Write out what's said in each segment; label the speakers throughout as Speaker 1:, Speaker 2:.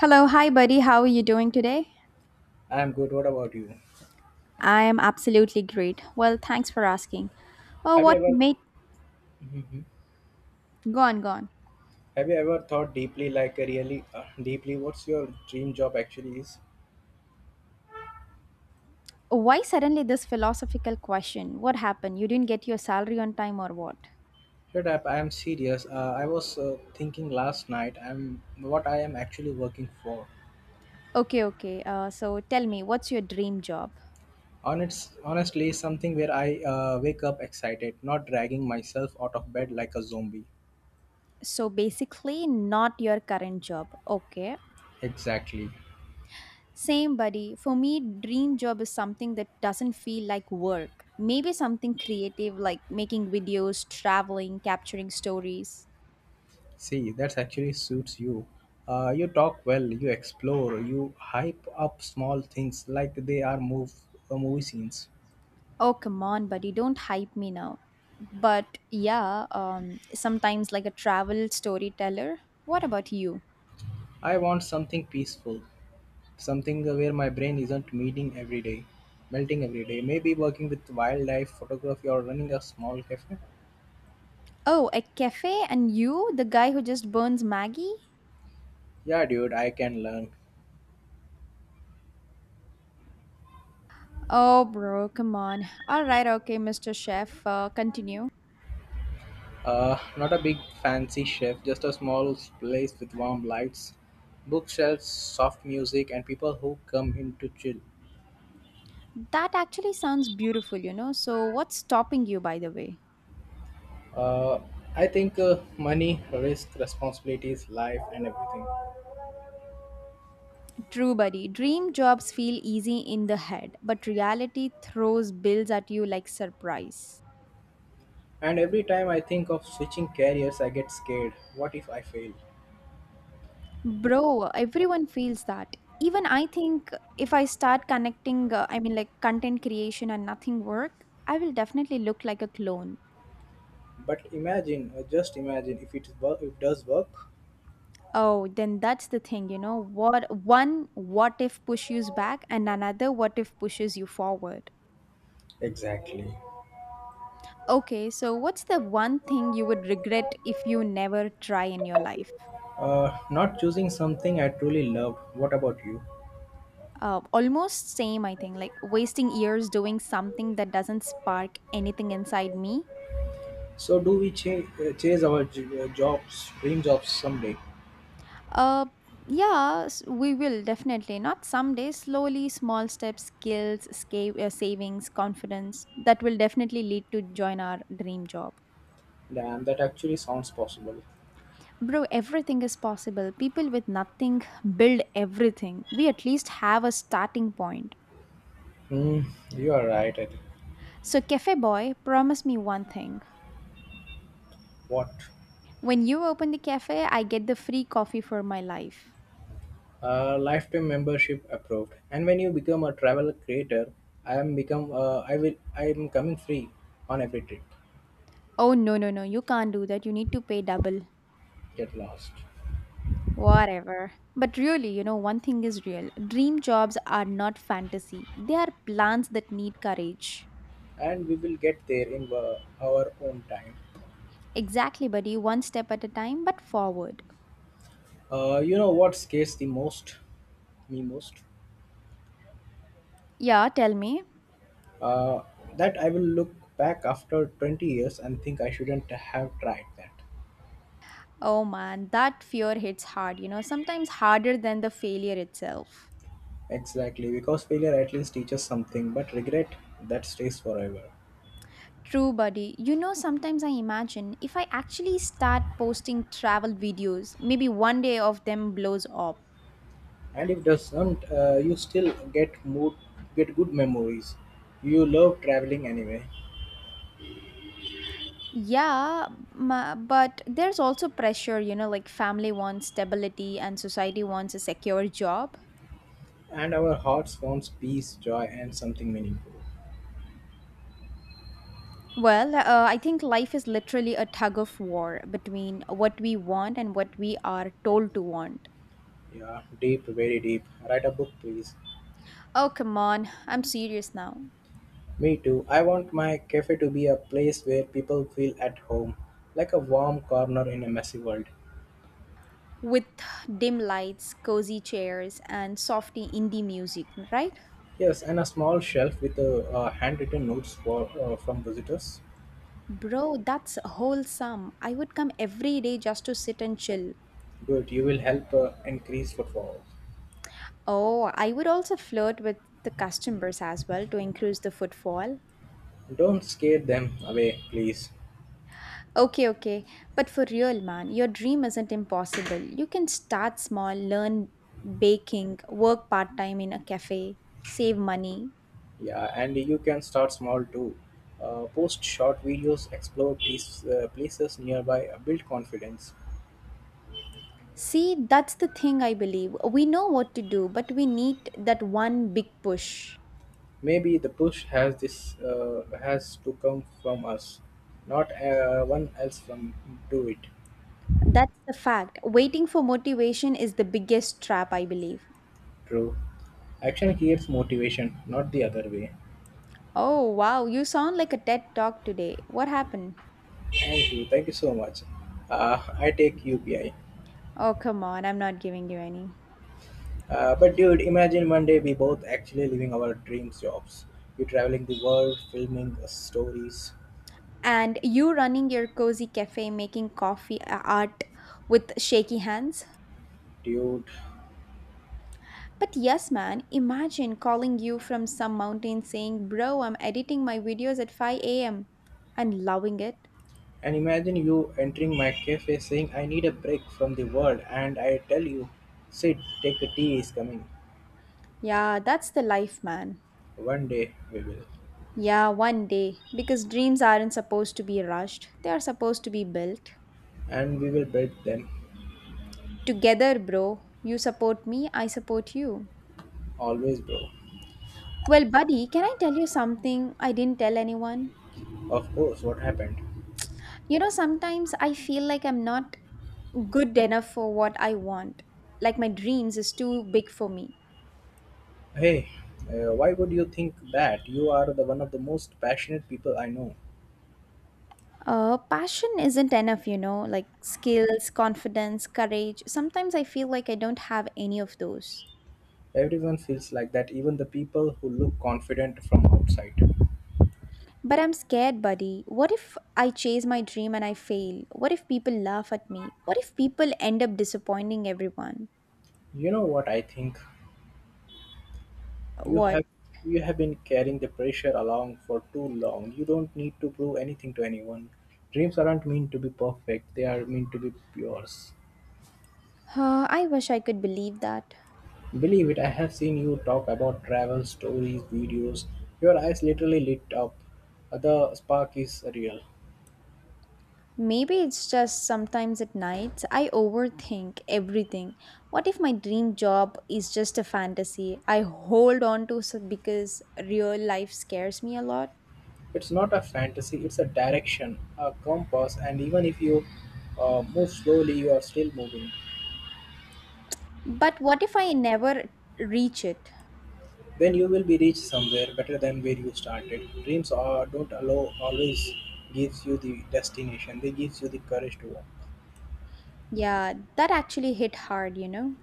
Speaker 1: Hello, hi buddy. How are you doing today?
Speaker 2: I am good. What about you?
Speaker 1: I am absolutely great. Well, thanks for asking. Oh,
Speaker 2: Have you
Speaker 1: what
Speaker 2: ever
Speaker 1: made
Speaker 2: Mhm.
Speaker 1: go on, go on.
Speaker 2: Have you ever thought deeply, like really deeply, what's your dream job actually is?
Speaker 1: Why suddenly this philosophical question? What happened? You didn't get your salary on time or what?
Speaker 2: Shut up! I am serious. I was thinking last night. I'm what I am actually working for.
Speaker 1: Okay, okay. So tell me, what's your dream job?
Speaker 2: Honestly, something where I wake up excited, not dragging myself out of bed like a zombie.
Speaker 1: So basically, not your current job. Okay.
Speaker 2: Exactly.
Speaker 1: Same, buddy. For me, dream job is something that doesn't feel like work. Maybe something creative like making videos, traveling, capturing stories.
Speaker 2: See, that actually suits you. You talk well, you explore, you hype up small things like they are movie scenes.
Speaker 1: Oh, come on, buddy. Don't hype me now. But yeah, sometimes like a travel storyteller. What about you?
Speaker 2: I want something peaceful, something where my brain isn't meeting every day, melting every day. Maybe working with wildlife photography or running a small cafe.
Speaker 1: Oh, a cafe and you, the guy who just burns Maggie?
Speaker 2: Yeah, dude, I can learn.
Speaker 1: Oh, bro, come on. All right, okay, Mr. Chef, continue.
Speaker 2: Not a big fancy chef, just a small place with warm lights, bookshelves, soft music, and people who come in to chill.
Speaker 1: That actually sounds beautiful. So, what's stopping you, by the way?
Speaker 2: Uh, I think money, risk, responsibilities, life, and everything.
Speaker 1: True, buddy. Dream jobs feel easy in the head, but reality throws bills at you like surprise.
Speaker 2: And every time I think of switching careers, I get scared. What if I fail?
Speaker 1: Bro, everyone feels that. Even I think if I start connecting, I mean, like content creation and nothing work, I will definitely look like a clone.
Speaker 2: But imagine, just imagine, if it work, it does work.
Speaker 1: Oh, then that's the thing. What one what if pushes back and another what if pushes you forward.
Speaker 2: Exactly.
Speaker 1: Okay, so what's the one thing you would regret if you never try in your life?
Speaker 2: Not choosing something I truly love. What about you?
Speaker 1: Almost same, I think, like wasting years doing something that doesn't spark anything inside me.
Speaker 2: So, do we chase our jobs, dream jobs someday?
Speaker 1: Uh, yeah, we will definitely. Not someday, slowly, small steps, skills, savings, confidence. That will definitely lead to join our dream job.
Speaker 2: Damn, that actually sounds possible.
Speaker 1: Bro, everything is possible. People with nothing build everything. We at least have a starting point.
Speaker 2: Hmm, you are right. I think.
Speaker 1: So, cafe boy, promise me one thing.
Speaker 2: What?
Speaker 1: When you open the cafe, I get the free coffee for my life.
Speaker 2: Lifetime membership approved. And when you become a travel creator, I am become. I will. I am coming free on every trip.
Speaker 1: Oh, no, no, no. You can't do that. You need to pay double.
Speaker 2: Get lost,
Speaker 1: Whatever. But really, one thing is real. Dream jobs are not fantasy. They are plans that need courage.
Speaker 2: and we will get there in our own time.
Speaker 1: Exactly, buddy. One step at a time, but forward.
Speaker 2: You know what scares me most?
Speaker 1: Yeah, tell me.
Speaker 2: Uh, that I will look back after 20 years and think I shouldn't have tried that.
Speaker 1: Oh man, that fear hits hard, sometimes harder than the failure itself.
Speaker 2: Exactly, because failure at least teaches something, but regret that stays forever.
Speaker 1: True, buddy. Sometimes I imagine if I actually start posting travel videos, maybe one day of them blows up.
Speaker 2: And if doesn't, you still get good memories. You love traveling anyway,
Speaker 1: Yeah, but there's also pressure, like family wants stability and society wants a secure job.
Speaker 2: and our hearts wants peace, joy, and something meaningful.
Speaker 1: Well, I think life is literally a tug of war between what we want and what we are told to want.
Speaker 2: Yeah, deep, very deep. Write a book, please.
Speaker 1: Oh, come on, I'm serious now.
Speaker 2: Me too. I want my cafe to be a place where people feel at home, like a warm corner in a messy world.
Speaker 1: With dim lights, cozy chairs, and softy indie music, right?
Speaker 2: Yes, and a small shelf with handwritten notes for from visitors.
Speaker 1: Bro, that's wholesome. I would come every day just to sit and chill.
Speaker 2: Good, you will help increase footfall.
Speaker 1: Oh, I would also flirt with the customers as well to increase the footfall.
Speaker 2: Don't scare them away, please.
Speaker 1: Okay, okay. But for real, man, your dream isn't impossible. You can start small, learn baking, work part time in a cafe, save money.
Speaker 2: Yeah, and you can start small too. Post short videos, places nearby, build confidence.
Speaker 1: See, that's the thing I believe. We know what to do, but we need that one big push.
Speaker 2: Maybe the push has this has to come from us, not one else from do it.
Speaker 1: That's the fact. Waiting for motivation is the biggest trap, I believe.
Speaker 2: True. Action creates motivation, not the other way.
Speaker 1: Oh, wow, you sound like a TED talk today. What happened?
Speaker 2: Thank you. Thank you so much. I take UPI.
Speaker 1: Oh, come on, I'm not giving you any.
Speaker 2: But dude, imagine one day we both actually living our dreams jobs. You traveling the world, filming stories,
Speaker 1: And you running your cozy cafe making coffee art with shaky hands.
Speaker 2: dude.
Speaker 1: But yes, man, imagine calling you from some mountain saying, "Bro, I'm editing my videos at 5 a.m. and loving it."
Speaker 2: And imagine you entering my cafe saying, "I need a break from the world," and I tell you, "Sit, take a tea is coming."
Speaker 1: Yeah, that's the life, man.
Speaker 2: One day we will.
Speaker 1: Yeah, one day. Because dreams aren't supposed to be rushed, they are supposed to be built.
Speaker 2: And we will beat them.
Speaker 1: Together, bro. You support me, I support you.
Speaker 2: Always, bro.
Speaker 1: Well, buddy, can I tell you something I didn't tell anyone?
Speaker 2: Of course, what happened?
Speaker 1: Sometimes I feel like I'm not good enough for what I want. Like my dreams is too big for me.
Speaker 2: Hey, why would you think that? You are the one of the most passionate people I know.
Speaker 1: Passion isn't enough, like skills, confidence, courage. Sometimes I feel like I don't have any of those.
Speaker 2: Everyone feels like that, even the people who look confident from outside.
Speaker 1: But I'm scared, buddy. What if I chase my dream and I fail? What if people laugh at me? What if people end up disappointing everyone?
Speaker 2: You know what I think? You
Speaker 1: What?
Speaker 2: have you have been carrying the pressure along for too long. You don't need to prove anything to anyone. Dreams aren't meant to be perfect, they are meant to be yours.
Speaker 1: I wish I could believe that.
Speaker 2: Believe it, I have seen you talk about travel stories, videos. Your eyes literally lit up. The spark is real.
Speaker 1: Maybe it's just sometimes at night I overthink everything. What if my dream job is just a fantasy I hold on to because real life scares me a lot?
Speaker 2: It's not a fantasy, it's a direction, a compass, and even if you move slowly, you are still moving.
Speaker 1: But what if I never reach it?
Speaker 2: Then you will be reached somewhere better than where you started. Dreams are, don't allow always gives you the destination. They gives you the courage to walk.
Speaker 1: Yeah, that actually hit hard, you know?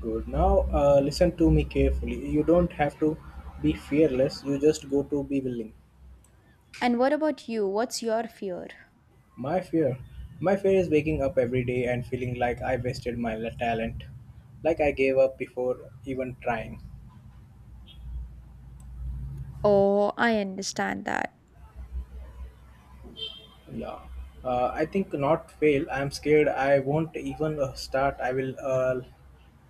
Speaker 2: Good. Now listen to me carefully. You don't have to be fearless. You just go to be willing.
Speaker 1: And what about you? What's your fear?
Speaker 2: My fear. My fear is waking up every day and feeling like I wasted my talent, like I gave up before even trying.
Speaker 1: Oh, I understand that.
Speaker 2: Yeah. I think not fail. I'm scared I won't even start. I will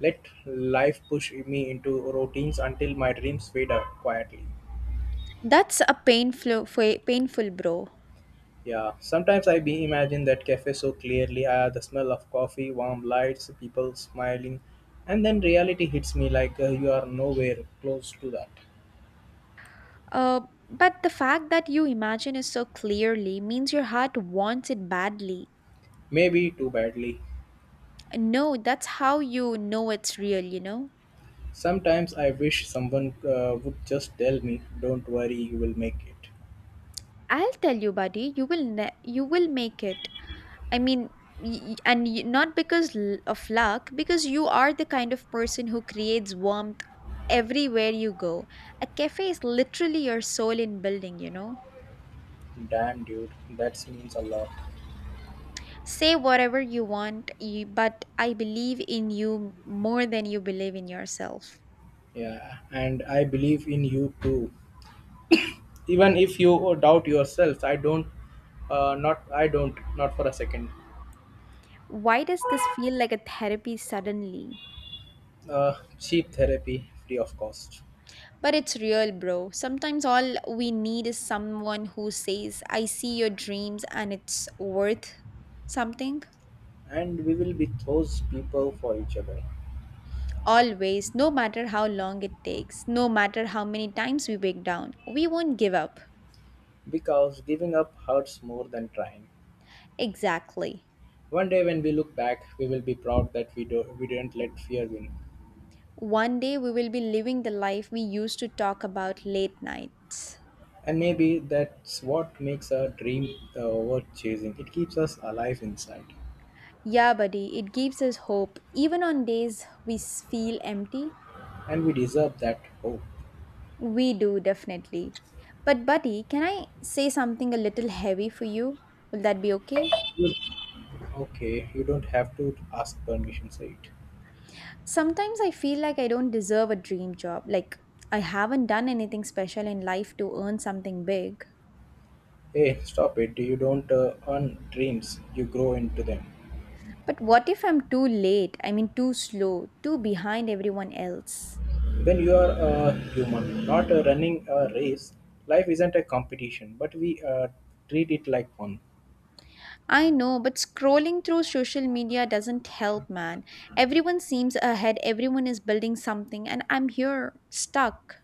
Speaker 2: let life push me into routines until my dreams fade out quietly.
Speaker 1: That's a painful, bro.
Speaker 2: Yeah, sometimes I be imagine that cafe so clearly. Ah, the smell of coffee, warm lights, people smiling, and then reality hits me like you are nowhere close to that.
Speaker 1: Uh, but the fact that you imagine it so clearly means your heart wants it badly.
Speaker 2: Maybe too badly.
Speaker 1: No, that's how you know it's real.
Speaker 2: Sometimes I wish someone would just tell me, don't worry, you will make it.
Speaker 1: I'll tell you, buddy, you will make it. I mean, not because of luck, because you are the kind of person who creates warmth everywhere you go. A cafe is literally your soul in building.
Speaker 2: Damn, dude, that means a lot.
Speaker 1: Say whatever you want, you, but I believe in you more than you believe in yourself.
Speaker 2: Yeah, and I believe in you too. Even if you doubt yourself, I don't, not for a second.
Speaker 1: Why does this feel like a therapy suddenly?
Speaker 2: Uh, Cheap therapy, free of cost.
Speaker 1: But it's real, bro. Sometimes all we need is someone who says, "I see your dreams and it's worth something."
Speaker 2: And we will be those people for each other.
Speaker 1: Always, no matter how long it takes, no matter how many times we break down, we won't give up.
Speaker 2: Because giving up hurts more than trying.
Speaker 1: Exactly.
Speaker 2: One day when we look back, we will be proud that we didn't let fear win.
Speaker 1: One day we will be living the life we used to talk about late nights.
Speaker 2: And maybe that's what makes a dream worth chasing. It keeps us alive inside.
Speaker 1: Yeah, buddy, it gives us hope, even on days we feel empty.
Speaker 2: And we deserve that hope.
Speaker 1: We do definitely. But buddy, can I say something a little heavy for you? Will that be okay?
Speaker 2: You- okay, you don't have to ask permission, say it.
Speaker 1: Sometimes I feel like I don't deserve a dream job. Like I haven't done anything special in life to earn something big.
Speaker 2: Hey, stop it. You don't earn dreams, you grow into them.
Speaker 1: But what if I'm too late? I mean too slow, too behind everyone else.
Speaker 2: When you are a human, not running a race, life isn't a competition, but we treat it like one.
Speaker 1: I know, but scrolling through social media doesn't help, man. Everyone seems ahead, everyone is building something, and I'm here, stuck.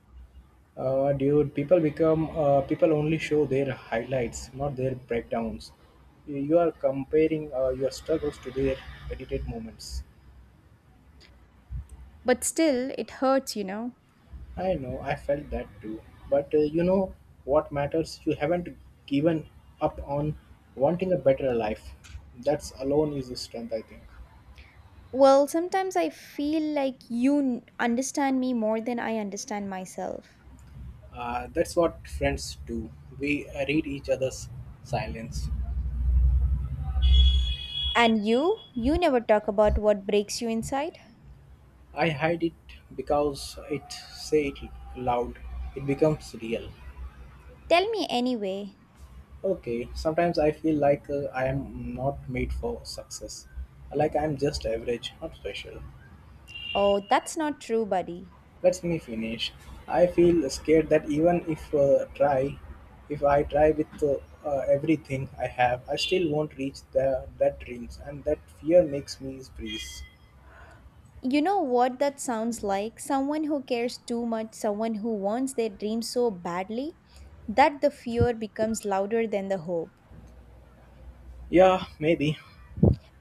Speaker 2: Dude, people only show their highlights, not their breakdowns. You are comparing your struggles to their edited moments.
Speaker 1: But still, it hurts, you know?
Speaker 2: I know, I felt that too. But you know what matters? You haven't given up on wanting a better life. That's alone is the strength, I think.
Speaker 1: Well, sometimes I feel like you understand me more than I understand myself.
Speaker 2: That's what friends do. We read each other's silence.
Speaker 1: And you? You never talk about what breaks you inside?
Speaker 2: I hide it because it say it loud. It becomes real.
Speaker 1: Tell me anyway.
Speaker 2: Okay, sometimes I feel like I am not made for success. Like I am just average, not special.
Speaker 1: Oh, that's not true, buddy.
Speaker 2: Let me finish. I feel scared that even if try, if I try with everything I have, I still won't reach that dreams, and that fear makes me freeze.
Speaker 1: You know what that sounds like? Someone who cares too much, someone who wants their dream so badly that the fear becomes louder than the hope.
Speaker 2: Yeah, maybe.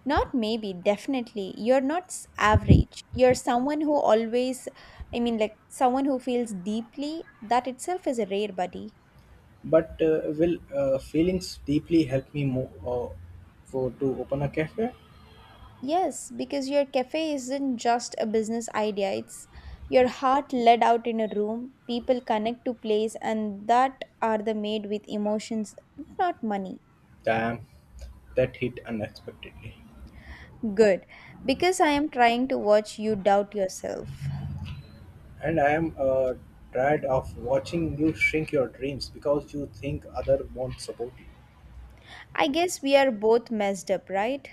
Speaker 1: Not maybe, definitely. You're not average. You're someone who always, I mean, like someone who feels deeply. That itself is a rare buddy.
Speaker 2: But will feelings deeply help me move for to open a cafe?
Speaker 1: Yes, because your cafe isn't just a business idea, it's your heart led out in a room. People connect to place, and that are the made with emotions, not money.
Speaker 2: Damn, that hit unexpectedly.
Speaker 1: Good, because I am trying to watch you doubt yourself.
Speaker 2: And I am tired of watching you shrink your dreams because you think other won't support
Speaker 1: I guess we are both messed up, right?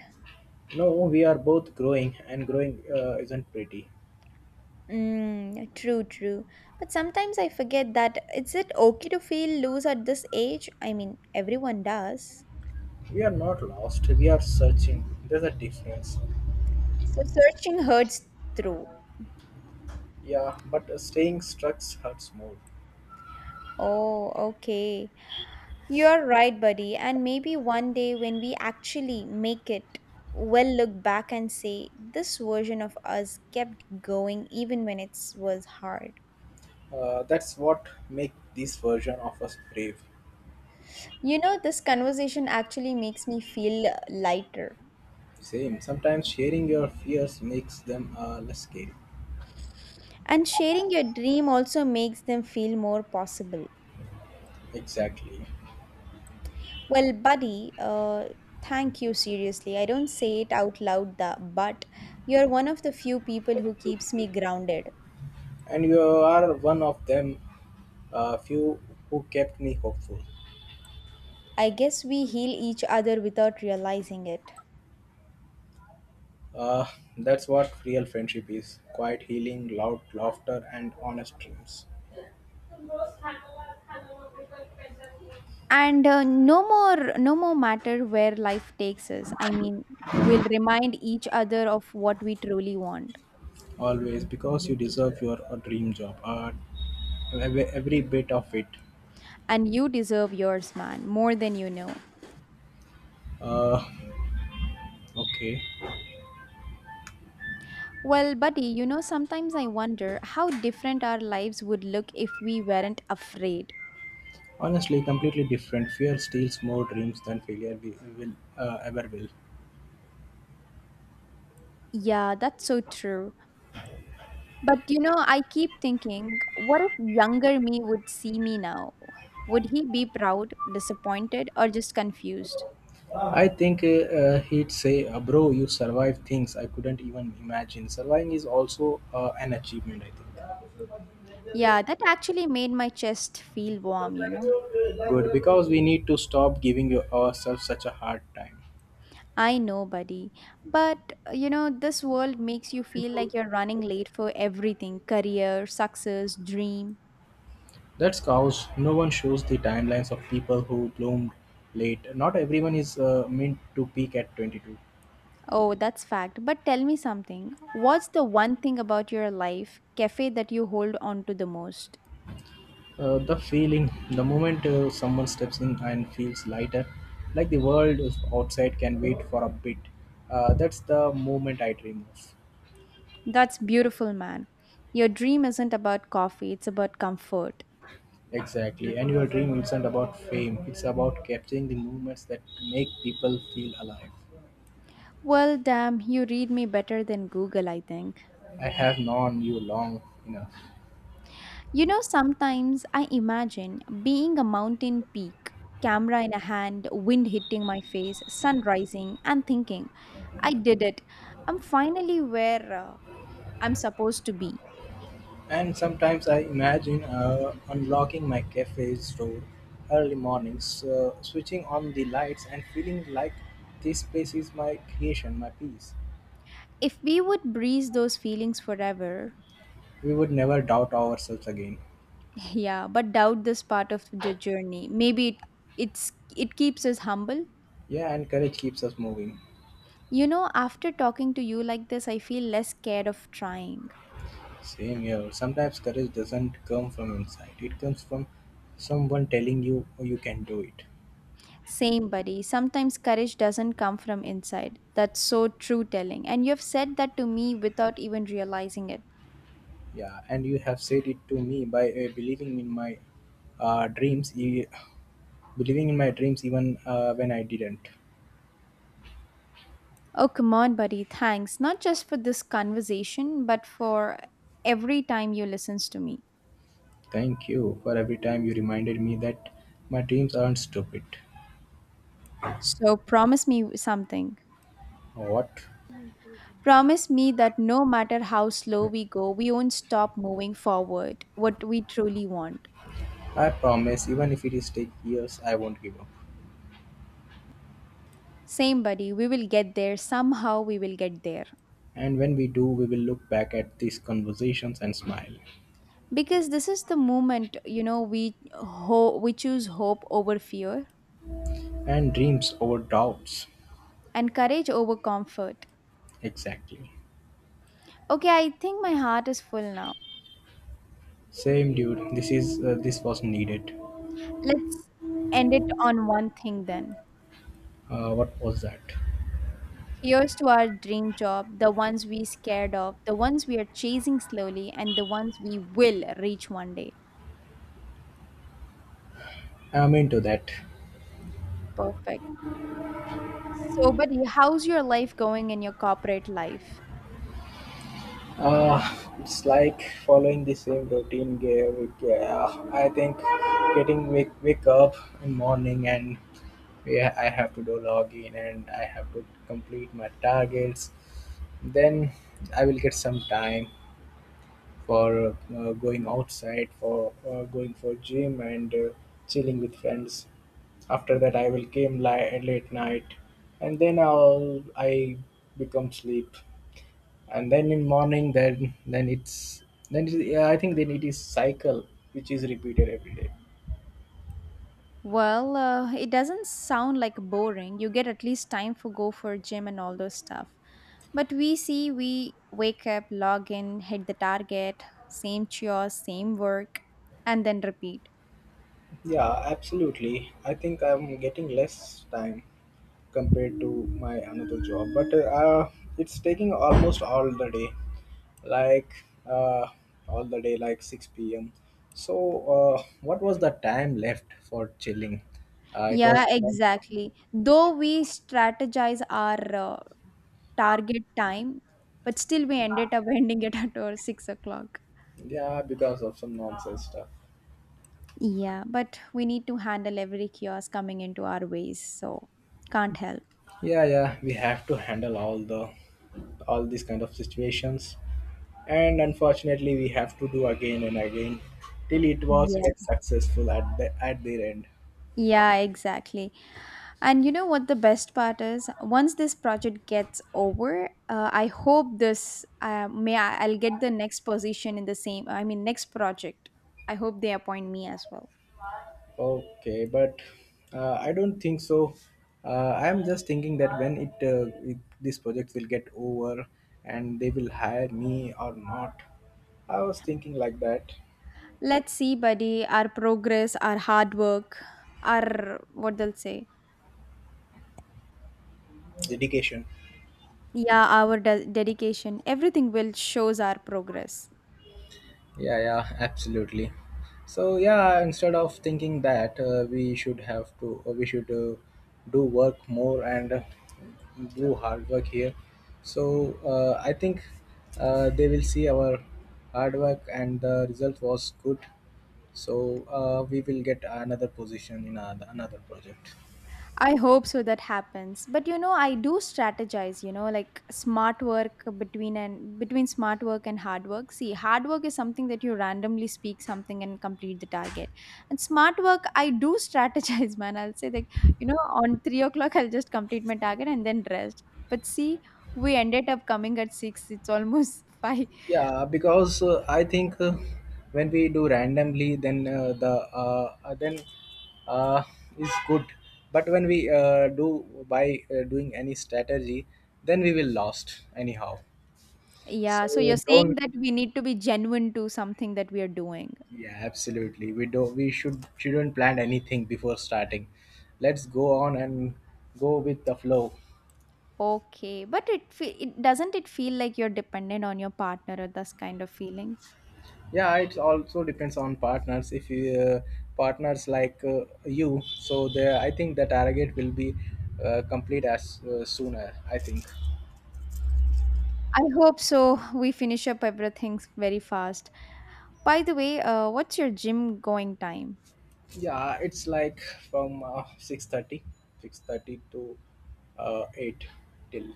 Speaker 2: you. No, we are both growing, and growing isn't pretty.
Speaker 1: Mm, true, true. But sometimes I forget that is it okay to feel loose at this age? I mean, everyone does.
Speaker 2: We are not lost. We are searching. There's a difference.
Speaker 1: So searching hurts through.
Speaker 2: Yeah, but staying stuck hurts more.
Speaker 1: Oh, okay. You're right, buddy. And maybe one day when we actually make it, we'll look back and say, this version of us kept going even when it was hard.
Speaker 2: That's what makes this version of us brave.
Speaker 1: This conversation actually makes me feel lighter.
Speaker 2: Same. Sometimes sharing your fears makes them less scary.
Speaker 1: And sharing your dream also makes them feel more possible.
Speaker 2: Exactly.
Speaker 1: Well, buddy, thank you seriously. I don't say it out loud, but you're one of the few people who keeps me grounded.
Speaker 2: And you are one of them, few who kept me hopeful.
Speaker 1: I guess we heal each other without realizing it.
Speaker 2: Uh, that's what real friendship is quiet healing, loud laughter, and honest dreams.
Speaker 1: And no more, no more matter where life takes us. I mean, we'll remind each other of what we truly want.
Speaker 2: Always, because you deserve your a dream job. Every bit of it.
Speaker 1: And you deserve yours, man, more than you know.
Speaker 2: Uh, okay.
Speaker 1: Well, buddy, sometimes I wonder how different our lives would look if we weren't afraid.
Speaker 2: Honestly, completely different. Fear steals more dreams than failure we will ever will.
Speaker 1: Yeah, that's so true. But I keep thinking, what if younger me would see me now? Would he be proud, disappointed, or just confused?
Speaker 2: I think he'd say, "Bro, you survived things I couldn't even imagine. Surviving is also an achievement." I think.
Speaker 1: Yeah, that actually made my chest feel warm.
Speaker 2: Good, because we need to stop giving ourselves such a hard time.
Speaker 1: I know, buddy. But this world makes you feel like you're running late for everything career, success, dream.
Speaker 2: That's cause no one shows the timelines of people who bloomed late. Not everyone is meant to peak at 22.
Speaker 1: Oh, that's fact. But tell me something. What's the one thing about your life, cafe, that you hold on to the most?
Speaker 2: The feeling, the moment someone steps in and feels lighter, like the world is outside can wait for a bit. That's the moment I dream of.
Speaker 1: That's beautiful, man. Your dream isn't about coffee, it's about comfort.
Speaker 2: Exactly. And your dream isn't about fame, it's about capturing the moments that make people feel alive.
Speaker 1: Well, damn, you read me better than Google, I think.
Speaker 2: I have known you long enough.
Speaker 1: Sometimes I imagine being a mountain peak, camera in a hand, wind hitting my face, sun rising, and thinking, I did it. I'm finally where I'm supposed to be.
Speaker 2: And sometimes I imagine unlocking my cafe's door early mornings, switching on the lights, and feeling like this place is my creation, my peace.
Speaker 1: If we would breeze those feelings forever,
Speaker 2: We would never doubt ourselves again.
Speaker 1: yeah, but doubt this part of the journey. Maybe it keeps us humble.
Speaker 2: Yeah, and courage keeps us moving.
Speaker 1: After talking to you like this, I feel less scared of trying.
Speaker 2: Same here. Sometimes courage doesn't come from inside, it comes from someone telling you oh, you can do it.
Speaker 1: Same, buddy. Sometimes courage doesn't come from inside. That's so true telling. And you've said that to me without even realizing it.
Speaker 2: Yeah, and you have said it to me by believing in my uh, dreams, e- believing in my dreams even when I didn't.
Speaker 1: Oh, come on, buddy. Thanks. Not just for this conversation, but for every time you listens to me.
Speaker 2: Thank you for every time you reminded me that my dreams aren't stupid.
Speaker 1: So promise me something.
Speaker 2: What?
Speaker 1: Promise me that no matter how slow we go, we won't stop moving forward what we truly want.
Speaker 2: I promise, even if it is take years, I won't give up.
Speaker 1: Same, buddy. We will get there. Somehow we will get there.
Speaker 2: And when we do, we will look back at these conversations and smile.
Speaker 1: Because this is the moment, we choose hope over fear
Speaker 2: And dreams over doubts.
Speaker 1: and courage over comfort.
Speaker 2: Exactly.
Speaker 1: Okay, I think my heart is full now.
Speaker 2: Same dude. This was needed.
Speaker 1: Let's end it on one thing then.
Speaker 2: What was that?
Speaker 1: Here's to our dream job, the ones we scared of, the ones we are chasing slowly, and the ones we will reach one day.
Speaker 2: I'm into that.
Speaker 1: Perfect. So buddy, how's your life going in your corporate life?
Speaker 2: Uh, it's like following the same routine gear week. Yeah, I think getting wake up in morning and yeah, I have to do login and I have to complete my targets. Then I will get some time for going outside, for going for gym and chilling with friends. After that, I will came late night, and then I become sleep and then in morning then it's then it, yeah, I think then it is cycle which is repeated every day.
Speaker 1: Well, it doesn't sound like boring. You get at least time for go for gym and all those stuff. But we see we wake up, log in, hit the target, same chores, same work, and then repeat.
Speaker 2: Yeah, absolutely, I think I'm getting less time compared to my another job, but it's taking almost all the day, like uh, all the day like 6 p.m. So what was the time left for chilling? It
Speaker 1: Yeah,
Speaker 2: was
Speaker 1: exactly. Though we strategize our target time, but still we ended up ending it at our 6 o'clock.
Speaker 2: Yeah, because of some nonsense stuff.
Speaker 1: Yeah, but we need to handle every kiosk coming into our ways, so can't help.
Speaker 2: Yeah, yeah, we have to handle all these kind of situations, and unfortunately we have to do again and again till it was
Speaker 1: Yeah.
Speaker 2: get successful at their end.
Speaker 1: Yeah, exactly. And you know what the best part is? Once this project gets over, I hope this I'll get the next position in the same. I mean, next project. I hope they appoint me as well.
Speaker 2: Okay, but I don't think so. I am just thinking that when it, it this project will get over and they will hire me or not. I was thinking like that.
Speaker 1: Let's see, buddy. Our progress, our hard work, our what they'll say.
Speaker 2: Dedication.
Speaker 1: Yeah, our dedication. Everything will shows our progress.
Speaker 2: Yeah, yeah, absolutely. So yeah, instead of thinking that we should do work more and do hard work here. So I think they will see our hard work and the result was good. So we will get another position in another project.
Speaker 1: I hope so that happens. But you know, I do strategize, you know, like smart work between smart work and hard work. See, hard work is something that you randomly speak something and complete the target. And smart work, I do strategize, man. I'll say like, you know, on 3 o'clock I'll just complete my target and then rest. But see, we ended up coming at six. It's almost five.
Speaker 2: Yeah, because I think when we do randomly, then uh, is good. But when we do by doing any strategy, then we will lost anyhow.
Speaker 1: Yeah. So you're
Speaker 2: So
Speaker 1: saying
Speaker 2: don't.
Speaker 1: that we need to be genuine to something that we are doing.
Speaker 2: Yeah, absolutely. We do. We shouldn't plan anything before starting. Let's go on and go with the flow.
Speaker 1: Okay, but it doesn't it feel like you're dependent on your partner or this kind of feeling?
Speaker 2: Yeah, it also depends on partners. If you partners like you, so there I think that arrogate will be complete as sooner, I think.
Speaker 1: I hope so. We finish up everything very fast. By the way, what's your gym going time?
Speaker 2: Yeah, it's like from 6:30 to 8, till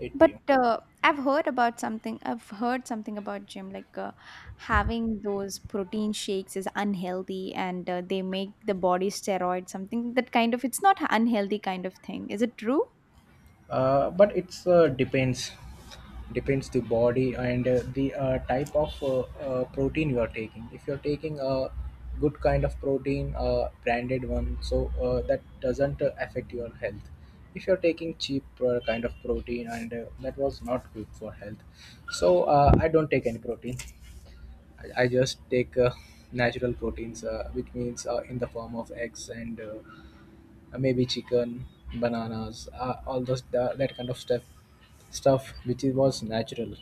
Speaker 2: 8
Speaker 1: But
Speaker 2: p.m.
Speaker 1: I've heard about something. I've heard something about gym, like having those protein shakes is unhealthy, and they make the body steroid something that kind of. It's not unhealthy kind of thing. Is it true?
Speaker 2: But it's depends the body and the type of protein you are taking. If you're taking a good kind of protein, branded one, so that doesn't affect your health. If you're taking cheap kind of protein, and that was not good for health. So I don't take any protein. I just take natural proteins, which means in the form of eggs and maybe chicken, bananas, all that kind of stuff, stuff which it was natural,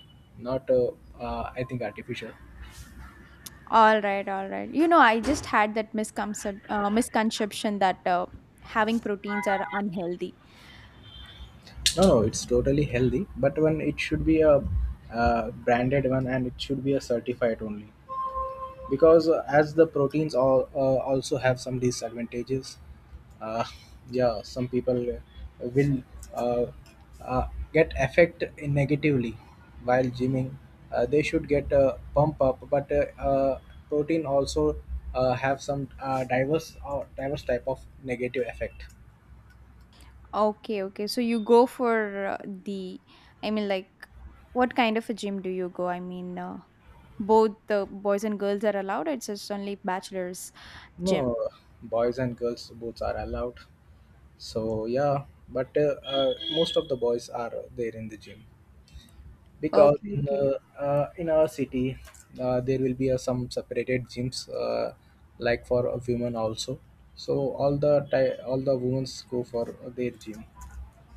Speaker 2: not I think artificial.
Speaker 1: All right, all right. You know, I just had that misconception, misconception that having proteins are unhealthy.
Speaker 2: No, no, it's totally healthy, but when it should be a branded one and it should be a certified only. Because as the proteins all also have some disadvantages. uh, yeah, some people will uh, uh, get affect negatively while gymming. They should get a pump up, but protein also have some diverse type of negative effect.
Speaker 1: Okay, okay. So you go for the, I mean, like, what kind of a gym do you go? I mean, both the boys and girls are allowed. It's just only bachelor's
Speaker 2: No,
Speaker 1: gym.
Speaker 2: boys and girls both are allowed. So yeah, but most of the boys are there in the gym, because
Speaker 1: Okay, okay.
Speaker 2: in our city there will be some separated gyms, like for a women also. So all the all the women go for their gym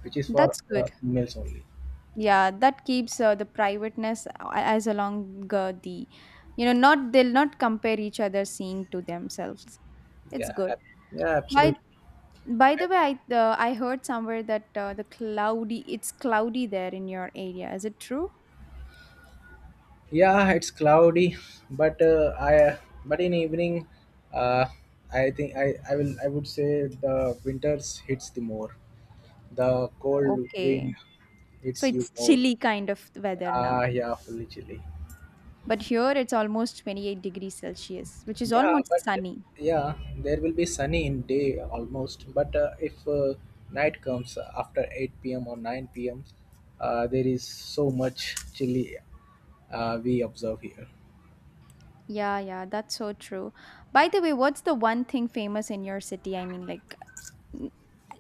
Speaker 2: which is for
Speaker 1: That's good.
Speaker 2: males only.
Speaker 1: Yeah, that keeps the privateness as along the, you know, not they'll not compare each other seeing to themselves. It's
Speaker 2: yeah
Speaker 1: good.
Speaker 2: ab- yeah,
Speaker 1: by
Speaker 2: absolutely.
Speaker 1: by the way, I heard somewhere that the cloudy, it's cloudy there in your area. Is it true?
Speaker 2: Yeah, it's cloudy, but I but in evening, uh, I think I will I would say the winters hits the more, the cold
Speaker 1: Okay,
Speaker 2: wind
Speaker 1: so
Speaker 2: hits you
Speaker 1: it's
Speaker 2: more.
Speaker 1: chilly kind of weather now.
Speaker 2: Ah yeah, fully chilly.
Speaker 1: But here it's almost 28 degrees celsius, which is
Speaker 2: Yeah,
Speaker 1: almost
Speaker 2: but
Speaker 1: sunny.
Speaker 2: yeah, there will be sunny in day almost. But if night comes after 8 p.m. or 9 p.m., there is so much chilly we observe here.
Speaker 1: Yeah, yeah, that's so true. By the way, what's the one thing famous in your city? I mean, like,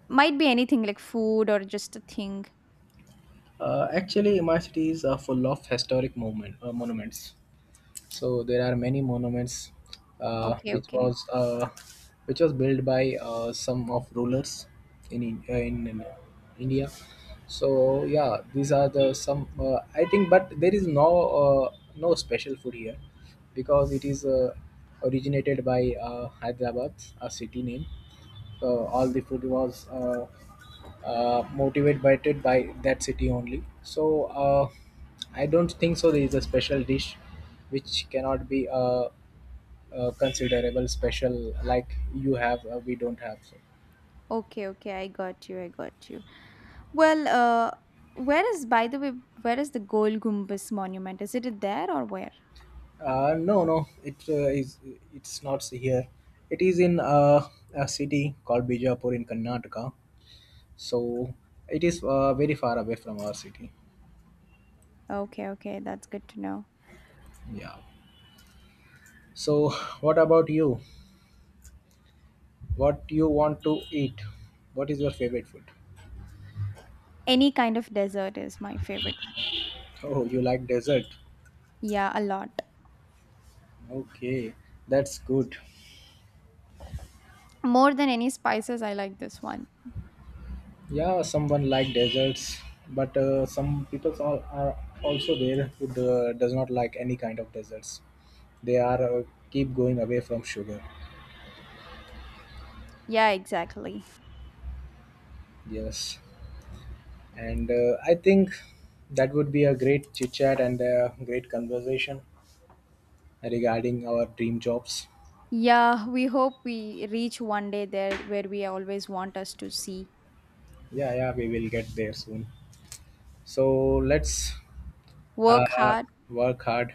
Speaker 1: might be anything like food or just a thing.
Speaker 2: Actually, my city is full of historic monuments. So there are many monuments uh,
Speaker 1: Okay,
Speaker 2: which
Speaker 1: okay.
Speaker 2: was uh, which was built by some of rulers in India. So yeah, these are the some, I think, but there is no no special food here, because it is originated by Hyderabad, a city name. So all the food was motivated by it by that city only. So. I don't think so. There is a special dish which cannot be a considerable special like you have. We don't have. So.
Speaker 1: Okay, okay. I got you. I got you. Well, where is, by the way, where is the Gol Gumbaz monument? Is it there or where?
Speaker 2: No, no, it is. It's not here. It is in a city called Bijapur in Karnataka. So it is very far away from our city.
Speaker 1: Okay, okay. That's good to know.
Speaker 2: Yeah. So what about you? What you want to eat? What is your favorite food?
Speaker 1: Any kind of dessert is my favorite.
Speaker 2: Oh, you like dessert?
Speaker 1: Yeah, a lot.
Speaker 2: Okay, that's good.
Speaker 1: More than any spices, I like this one.
Speaker 2: Yeah, someone like deserts, but some are also there who does not like any kind of deserts. They are keep going away from sugar.
Speaker 1: Yeah, exactly.
Speaker 2: Yes. And I think that would be a great chit chat and a great conversation regarding our dream jobs.
Speaker 1: Yeah, we hope we reach one day there where we always want us to see.
Speaker 2: Yeah, yeah, we will get there soon. So let's
Speaker 1: Work
Speaker 2: uh,
Speaker 1: hard,
Speaker 2: work hard.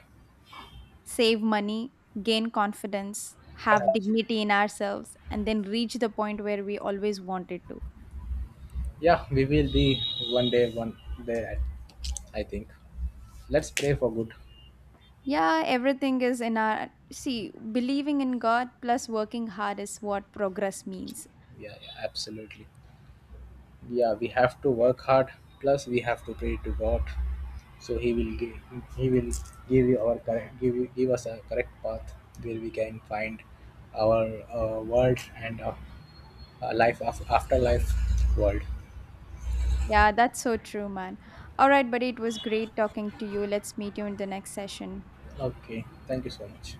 Speaker 1: save money, gain confidence, have dignity in ourselves, and then reach the point where we always wanted to.
Speaker 2: Yeah, we will be one day, one day, I think. Let's pray for good.
Speaker 1: Yeah, everything is in our. See, believing in God plus working hard is what progress means.
Speaker 2: Yeah, yeah, absolutely. Yeah, we have to work hard. Plus, we have to pray to God, so He will give, He will give you, give us a correct path where we can find our world and life afterlife world.
Speaker 1: Yeah, that's so true, man. All right, buddy, it was great talking to you. Let's meet you in the next session.
Speaker 2: Okay, thank you so much.